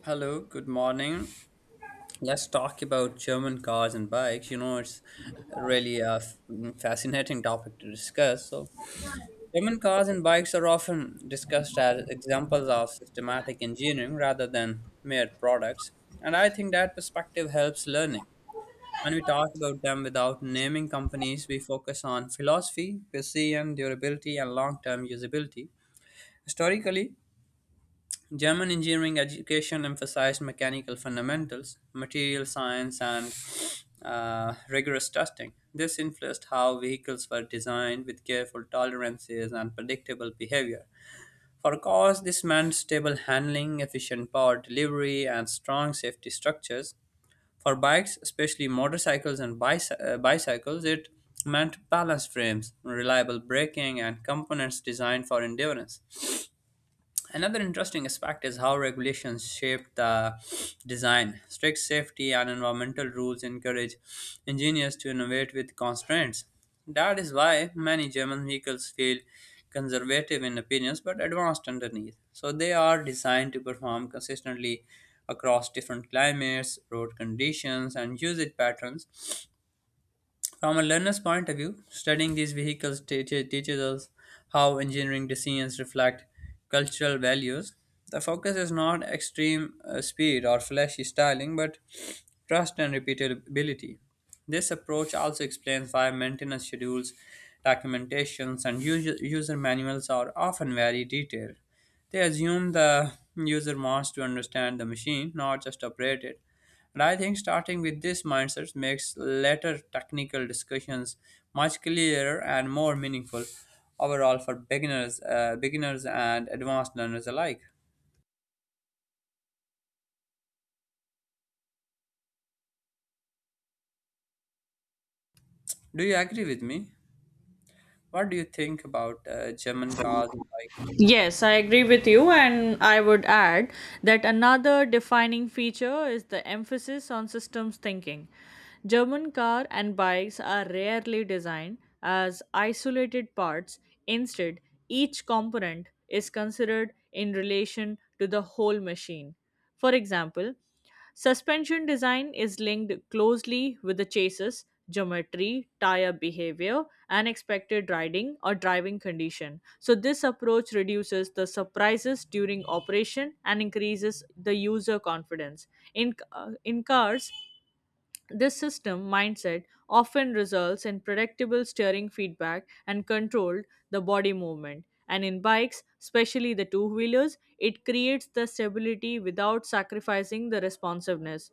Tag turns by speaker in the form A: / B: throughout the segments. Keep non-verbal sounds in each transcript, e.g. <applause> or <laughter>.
A: Hello, good morning. Let's talk about German cars and bikes. You know, it's really a fascinating topic to discuss. So, German cars and bikes are often discussed as examples of systematic engineering rather than mere products. And I think that perspective helps learning. When we talk about them without naming companies, we focus on philosophy, precision, durability, and long term usability. Historically, German engineering education emphasized mechanical fundamentals, material science, and rigorous testing. This influenced how vehicles were designed with careful tolerances and predictable behavior. For cars, this meant stable handling, efficient power delivery, and strong safety structures. For bikes, especially motorcycles and bicycles, it meant balanced frames, reliable braking, and components designed for endurance. Another interesting aspect is how regulations shape the design. Strict safety and environmental rules encourage engineers to innovate with constraints. That is why many German vehicles feel conservative in appearance but advanced underneath. So they are designed to perform consistently across different climates, road conditions, and usage patterns. From a learner's point of view, studying these vehicles teaches us how engineering decisions reflect cultural values. The focus is not extreme speed or flashy styling, but trust and repeatability. This approach also explains why maintenance schedules, documentations, and user manuals are often very detailed. They assume the user wants to understand the machine, not just operate it. And I think starting with this mindset makes later technical discussions much clearer and more meaningful overall for beginners and advanced learners alike. Do you agree with me? What do you think about German cars and bikes?
B: Yes, I agree with you, and I would add that another defining feature is the emphasis on systems thinking. German car and bikes are rarely designed as isolated parts. Instead, each component is considered in relation to the whole machine. For example, suspension design is linked closely with the chasis, geometry, tire behavior, and expected riding or driving condition. So this approach reduces the surprises during operation and increases the user confidence. In cars, this system mindset often results in predictable steering feedback and controlled the body movement. And in bikes, especially the two wheelers, it creates the stability without sacrificing the responsiveness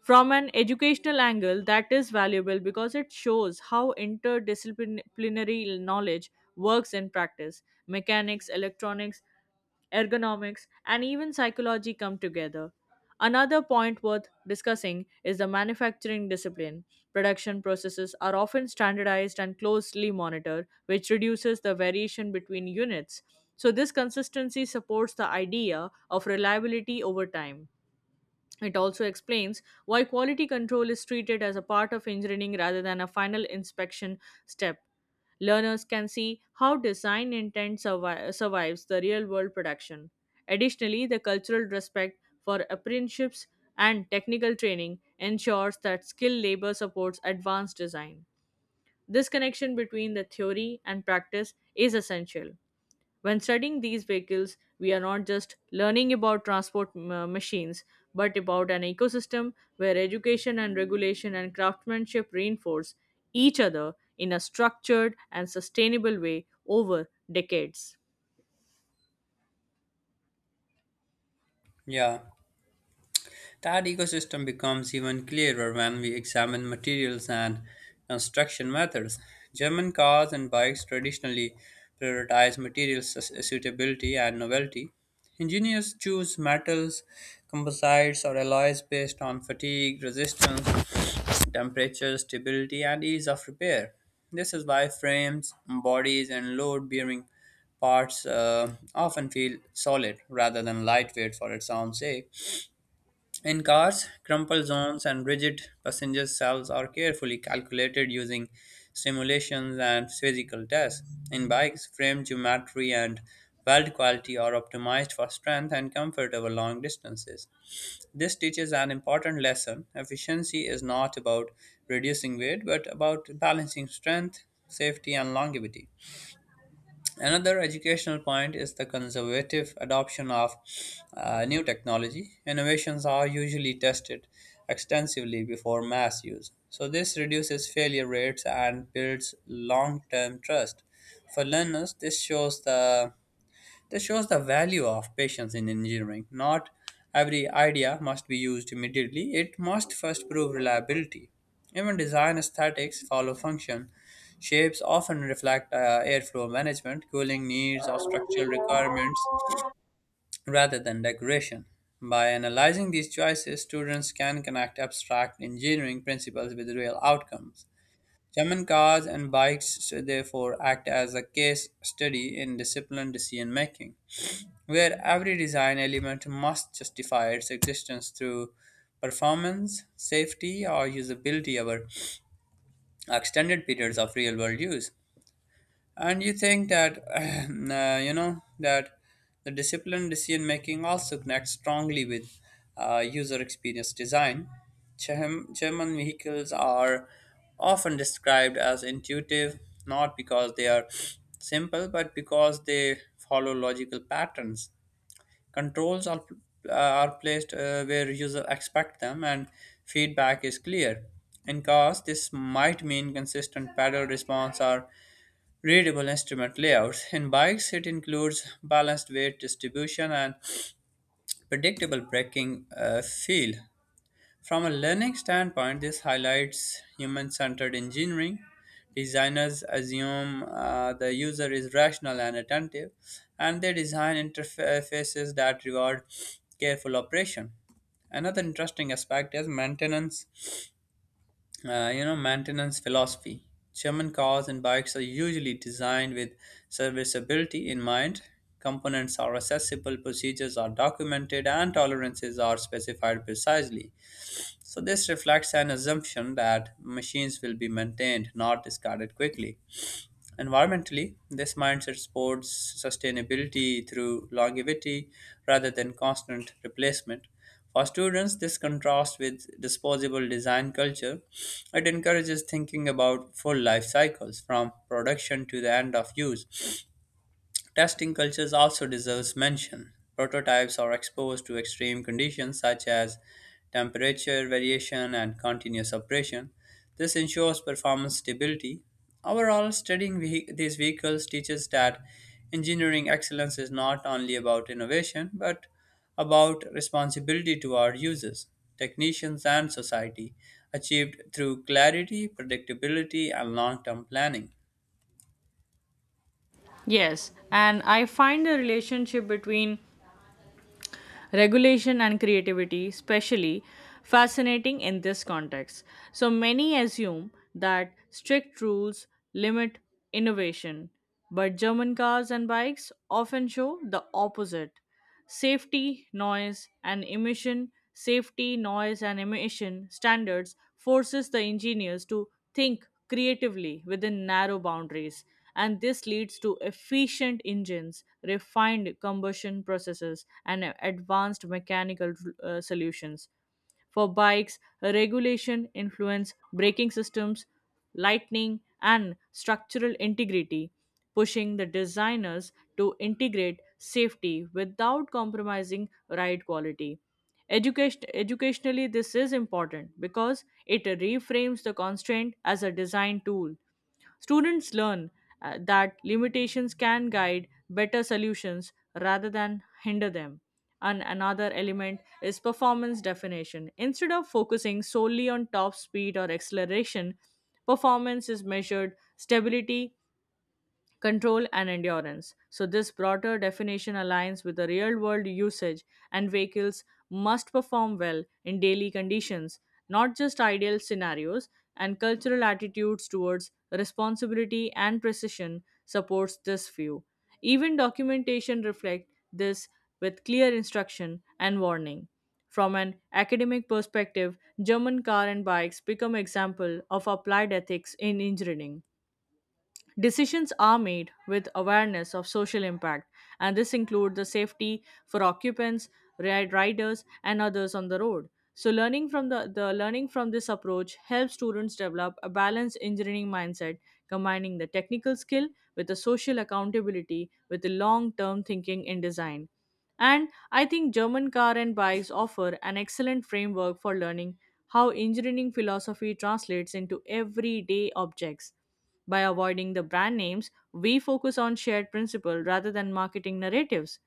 B: from an educational angle that is valuable because it shows how interdisciplinary knowledge works in practice: mechanics, electronics, ergonomics, and even psychology come together. Another point worth discussing is the manufacturing discipline. Production processes are often standardized and closely monitored, which reduces the variation between units. So this consistency supports the idea of reliability over time. It also explains why quality control is treated as a part of engineering rather than a final inspection step. Learners can see how design intent survives the real world production. Additionally, the cultural respect for apprenticeships and technical training ensures that skilled labor supports advanced design. This connection between the theory and practice is essential. When studying these vehicles, we are not just learning about transport machines, but about an ecosystem where education and regulation and craftsmanship reinforce each other in a structured and sustainable way over decades.
A: Yeah. That ecosystem becomes even clearer when we examine materials and construction methods. German cars and bikes traditionally prioritize material suitability and novelty. Engineers choose metals, composites, or alloys based on fatigue, resistance, temperature, stability, and ease of repair. This is why frames, bodies, and load bearing parts often feel solid rather than lightweight for its own sake. In cars, crumple zones and rigid passenger cells are carefully calculated using simulations and physical tests. In bikes, frame geometry and weld quality are optimized for strength and comfort over long distances. This teaches an important lesson. Efficiency is not about reducing weight, but about balancing strength, safety, and longevity. Another educational point is the conservative adoption of new technology. Innovations are usually tested extensively before mass use. So, this reduces failure rates and builds long term trust. For learners, this shows the value of patience in engineering. Not every idea must be used immediately, it must first prove reliability. Even design aesthetics follow function. Shapes often reflect airflow management, cooling needs, or structural requirements rather than decoration. By analyzing these choices, students can connect abstract engineering principles with real outcomes. German cars and bikes therefore act as a case study in disciplined decision making, where every design element must justify its existence through performance, safety, or usability over extended periods of real world use. And you think that, <clears throat> that the disciplined decision making also connects strongly with user experience design. German vehicles are often described as intuitive, not because they are <sniffs> simple, but because they follow logical patterns. Controls are placed where users expect them, and feedback is clear. In cars, this might mean consistent pedal response or readable instrument layouts. In bikes, it includes balanced weight distribution and predictable braking feel. From a learning standpoint, this highlights human centered engineering. Designers assume the user is rational and attentive, and they design interfaces that reward careful operation. Another interesting aspect is maintenance maintenance philosophy. German cars and bikes are usually designed with serviceability in mind. Components are accessible, procedures are documented, and tolerances are specified precisely. So this reflects an assumption that machines will be maintained, not discarded quickly. Environmentally, this mindset supports sustainability through longevity rather than constant replacement. For students, this contrasts with disposable design culture. It encourages thinking about full life cycles from production to the end of use. Testing cultures also deserves mention. Prototypes are exposed to extreme conditions such as temperature variation and continuous operation. This ensures performance stability. Overall, studying these vehicles teaches that engineering excellence is not only about innovation but about responsibility to our users, technicians, and society, achieved through clarity, predictability, and long term planning.
B: Yes, and I find the relationship between regulation and creativity especially fascinating in this context. So many assume that strict rules limit innovation, but German cars and bikes often show the opposite. Safety, noise, and emission, safety, noise, and emission standards forces the engineers to think creatively within narrow boundaries, and this leads to efficient engines, refined combustion processes, and advanced mechanical solutions. For bikes, regulation influence braking systems, lightning, and structural integrity, pushing the designers to integrate safety without compromising ride quality. Education, educationally, this is important because it reframes the constraint as a design tool. Students learn that limitations can guide better solutions rather than hinder them. And another element is performance definition. Instead of focusing solely on top speed or acceleration, performance is measured stability control, and endurance. So this broader definition aligns with the real world usage, and vehicles must perform well in daily conditions, not just ideal scenarios, and cultural attitudes towards responsibility and precision supports this view. Even documentation reflects this with clear instruction and warning. From an academic perspective, German car and bikes become example of applied ethics in engineering. Decisions are made with awareness of social impact, and this includes the safety for occupants, riders, and others on the road. So, the learning from this approach helps students develop a balanced engineering mindset, combining the technical skill with the social accountability with the long-term thinking in design. And I think German car and bikes offer an excellent framework for learning how engineering philosophy translates into everyday objects. By avoiding the brand names, we focus on shared principle rather than marketing narratives.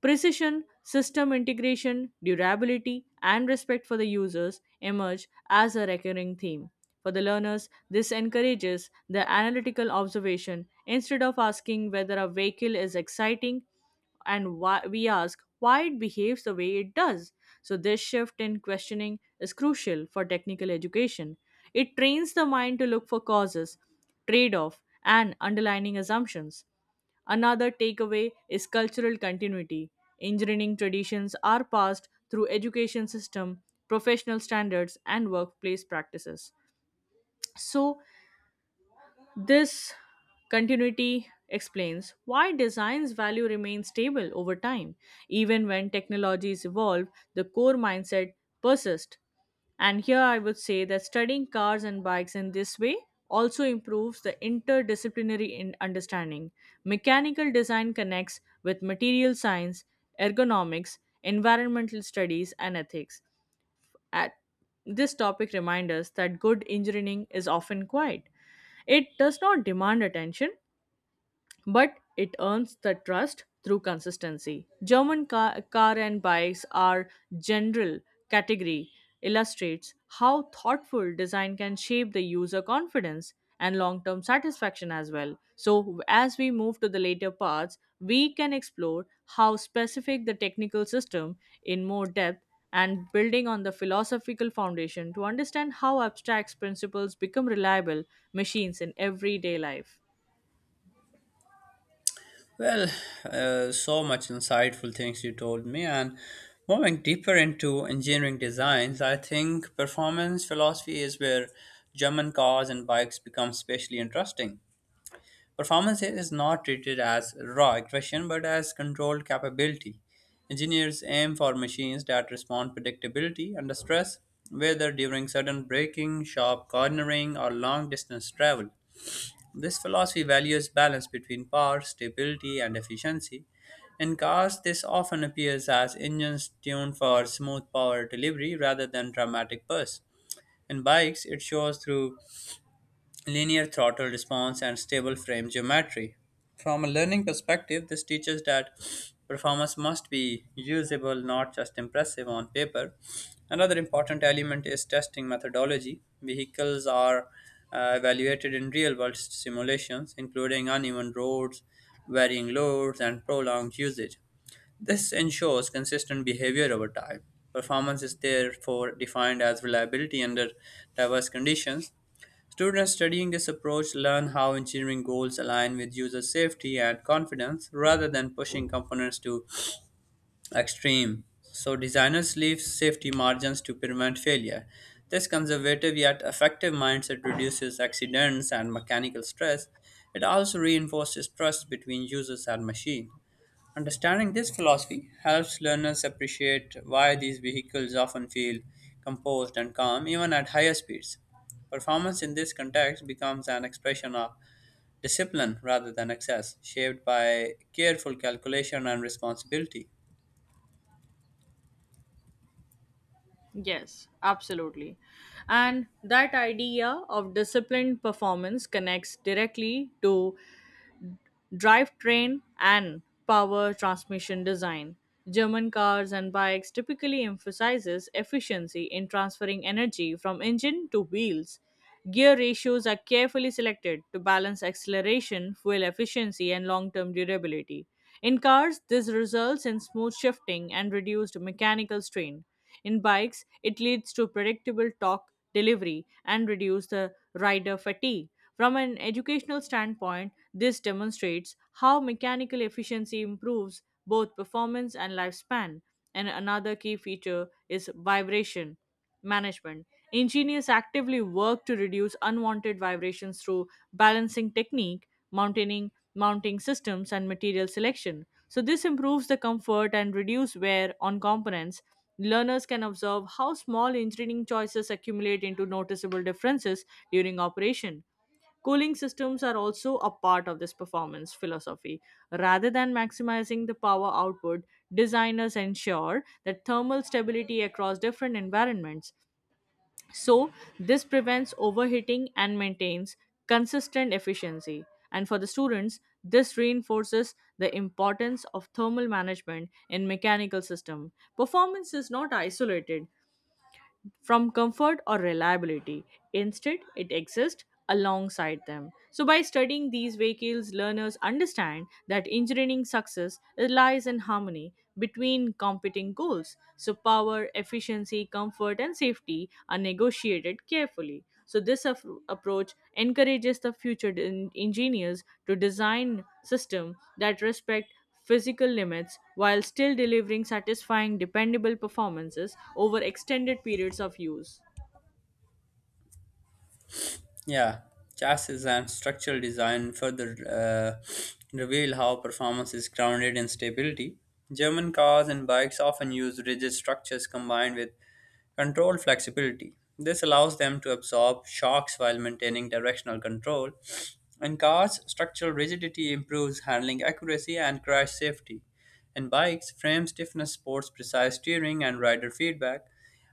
B: Precision, system integration, durability, and respect for the users emerge as a recurring theme. For the learners, this encourages the analytical observation. Instead of asking whether a vehicle is exciting, and why, we ask why it behaves the way it does. So this shift in questioning is crucial for technical education. It trains the mind to look for causes, trade-off, and underlying assumptions. Another takeaway is cultural continuity. Engineering traditions are passed through education system, professional standards, and workplace practices. So this continuity explains why design's value remains stable over time. Even when technologies evolve, the core mindset persists. And here I would say that studying cars and bikes in this way also improves the interdisciplinary in understanding. Mechanical design connects with material science, ergonomics, environmental studies, and ethics. At this topic reminds us that good engineering is often quiet. It does not demand attention, but it earns the trust through consistency. German car, and bikes are general category illustrates how thoughtful design can shape the user confidence and long-term satisfaction as well. So as we move to the later parts, we can explore how specific the technical system in more depth and building on the philosophical foundation to understand how abstract principles become reliable machines in everyday life.
A: Well, so much insightful things you told me, and moving deeper into engineering designs, I think performance philosophy is where German cars and bikes become especially interesting. Performance here is not treated as raw aggression but as controlled capability. Engineers aim for machines that respond predictability under stress, whether during sudden braking, sharp cornering, or long distance travel. This philosophy values balance between power, stability, and efficiency. In cars, this often appears as engines tuned for smooth power delivery rather than dramatic bursts. In bikes, it shows through linear throttle response, and stable frame geometry. From a learning perspective, this teaches that performance must be usable, not just impressive on paper. Another important element is testing methodology. Vehicles are evaluated in real world simulations, including uneven roads, varying loads, and prolonged usage. This ensures consistent behavior over time. Performance is therefore defined as reliability under diverse conditions. Students studying this approach learn how engineering goals align with user safety and confidence rather than pushing components to extreme. So designers leave safety margins to prevent failure. This conservative yet effective mindset reduces accidents and mechanical stress. It also reinforces trust between users and machine. Understanding this philosophy helps learners appreciate why these vehicles often feel composed and calm even at higher speeds. Performance in this context becomes an expression of discipline rather than excess, shaped by careful calculation and responsibility.
B: Yes, absolutely. And that idea of disciplined performance connects directly to drivetrain and power transmission design. German cars and bikes typically emphasizes efficiency in transferring energy from engine to wheels. Gear ratios are carefully selected to balance acceleration, fuel efficiency, and long-term durability. In cars, this results in smooth shifting and reduced mechanical strain. In bikes, it leads to predictable torque delivery and reduce the rider fatigue. From an educational standpoint, this demonstrates how mechanical efficiency improves both performance and lifespan. And another key feature is vibration management. Engineers actively work to reduce unwanted vibrations through balancing technique, mounting systems, and material selection. So this improves the comfort and reduce wear on components. Learners can observe how small engineering choices accumulate into noticeable differences during operation. Cooling systems are also a part of this performance philosophy. Rather than maximizing the power output, designers ensure that thermal stability across different environments. So this prevents overheating and maintains consistent efficiency. And for the students, this reinforces the importance of thermal management in mechanical system. Performance is not isolated from comfort or reliability. Instead, it exists alongside them. So by studying these vehicles, learners understand that engineering success lies in harmony between competing goals. So power, efficiency, comfort, and safety are negotiated carefully. So this approach encourages the future engineers to design systems that respect physical limits while still delivering satisfying, dependable performances over extended periods of use.
A: Yeah, chassis and structural design further uh, reveal how performance is grounded in stability. German cars and bikes often use rigid structures combined with control flexibility. This allows them to absorb shocks while maintaining directional control. In cars, structural rigidity improves handling accuracy and crash safety. In bikes, frame stiffness supports precise steering and rider feedback.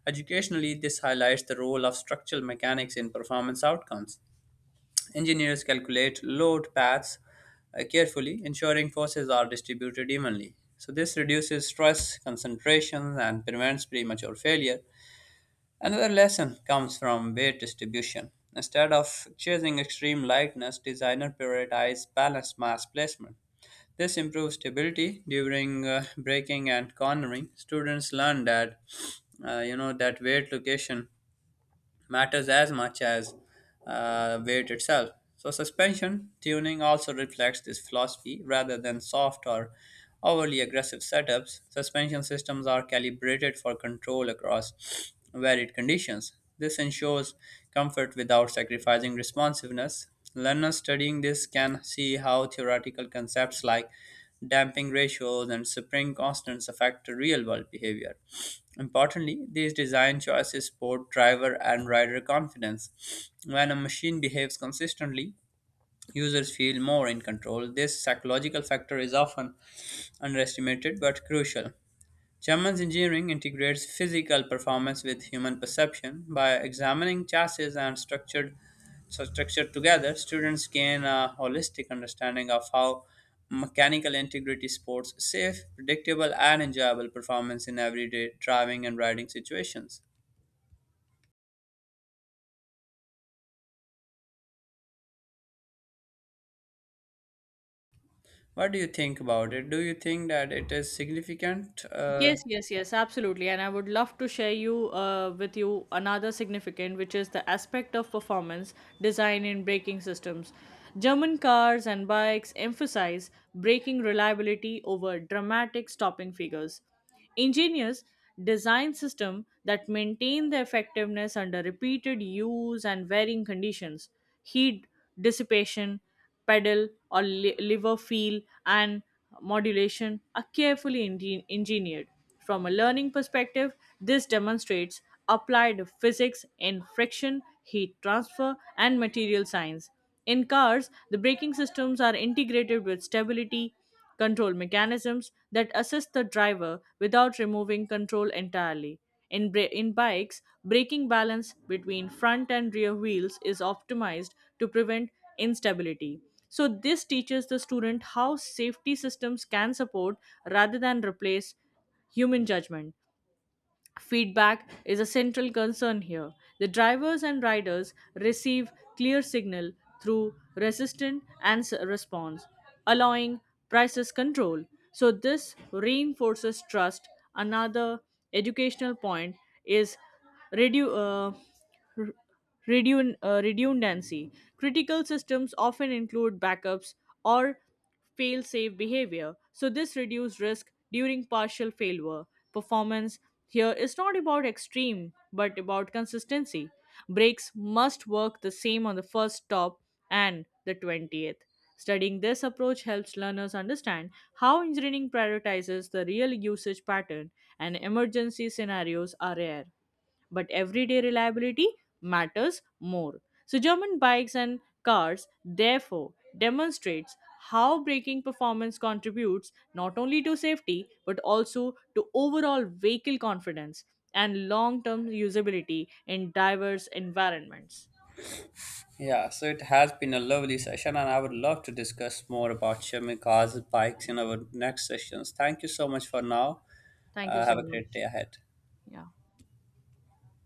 A: Educationally, this highlights the role of structural mechanics in performance outcomes. Engineers calculate load paths carefully, ensuring forces are distributed evenly. So, this reduces stress, concentration, and prevents premature failure. Another lesson comes from weight distribution. Instead of chasing extreme lightness, designers prioritize balanced mass placement. This improves stability during braking and cornering. Students learn that that weight location matters as much as weight itself. So, suspension tuning also reflects this philosophy rather than soft or overly aggressive setups. Suspension systems are calibrated for control across varied conditions. This ensures comfort without sacrificing responsiveness. Learners studying this can see how theoretical concepts like damping ratios and spring constants affect real world behavior. Importantly, these design choices support driver and rider confidence. When a machine behaves consistently, users feel more in control. This psychological factor is often underestimated but crucial. Schumann's engineering integrates physical performance with human perception. By examining chassis and structured, so structure together, students gain a holistic understanding of how mechanical integrity supports safe, predictable, and enjoyable performance in everyday driving and riding situations. What do you think about it? Do you think that it is significant?
B: Yes, yes, yes, absolutely. And I would love to share you with you another significant, which is the aspect of performance design in braking systems. German cars and bikes emphasize braking reliability over dramatic stopping figures. Engineers design systems that maintain their effectiveness under repeated use and varying conditions. Heat dissipation, pedal or liver feel, and modulation are carefully engineered. From a learning perspective, this demonstrates applied physics in friction, heat transfer, and material science. In cars, the braking systems are integrated with stability, control mechanisms that assist the driver without removing control entirely. In bikes, braking balance between front and rear wheels is optimized to prevent instability. So this teaches the student how safety systems can support rather than replace human judgment. Feedback is a central concern here. The drivers and riders receive clear signal through resistant and response, allowing prices control. So this reinforces trust. Another educational point is redu- uh, redundancy. Critical systems often include backups or fail safe behavior, so this reduces risk during partial failure. Performance here is not about extreme but about consistency. Brakes must work the same on the first stop and the 20th. Studying this approach helps learners understand how engineering prioritizes the real usage pattern, and emergency scenarios are rare, but everyday reliability matters more. So German bikes and cars therefore demonstrates how braking performance contributes not only to safety but also to overall vehicle confidence and long-term usability in diverse environments.
A: Yeah, so it has been a lovely session, and I would love to discuss more about Shami cars and bikes in our next sessions. Thank you so much for now.
B: Thank you
A: Have
B: so
A: a great
B: much.
A: day ahead.
B: Yeah.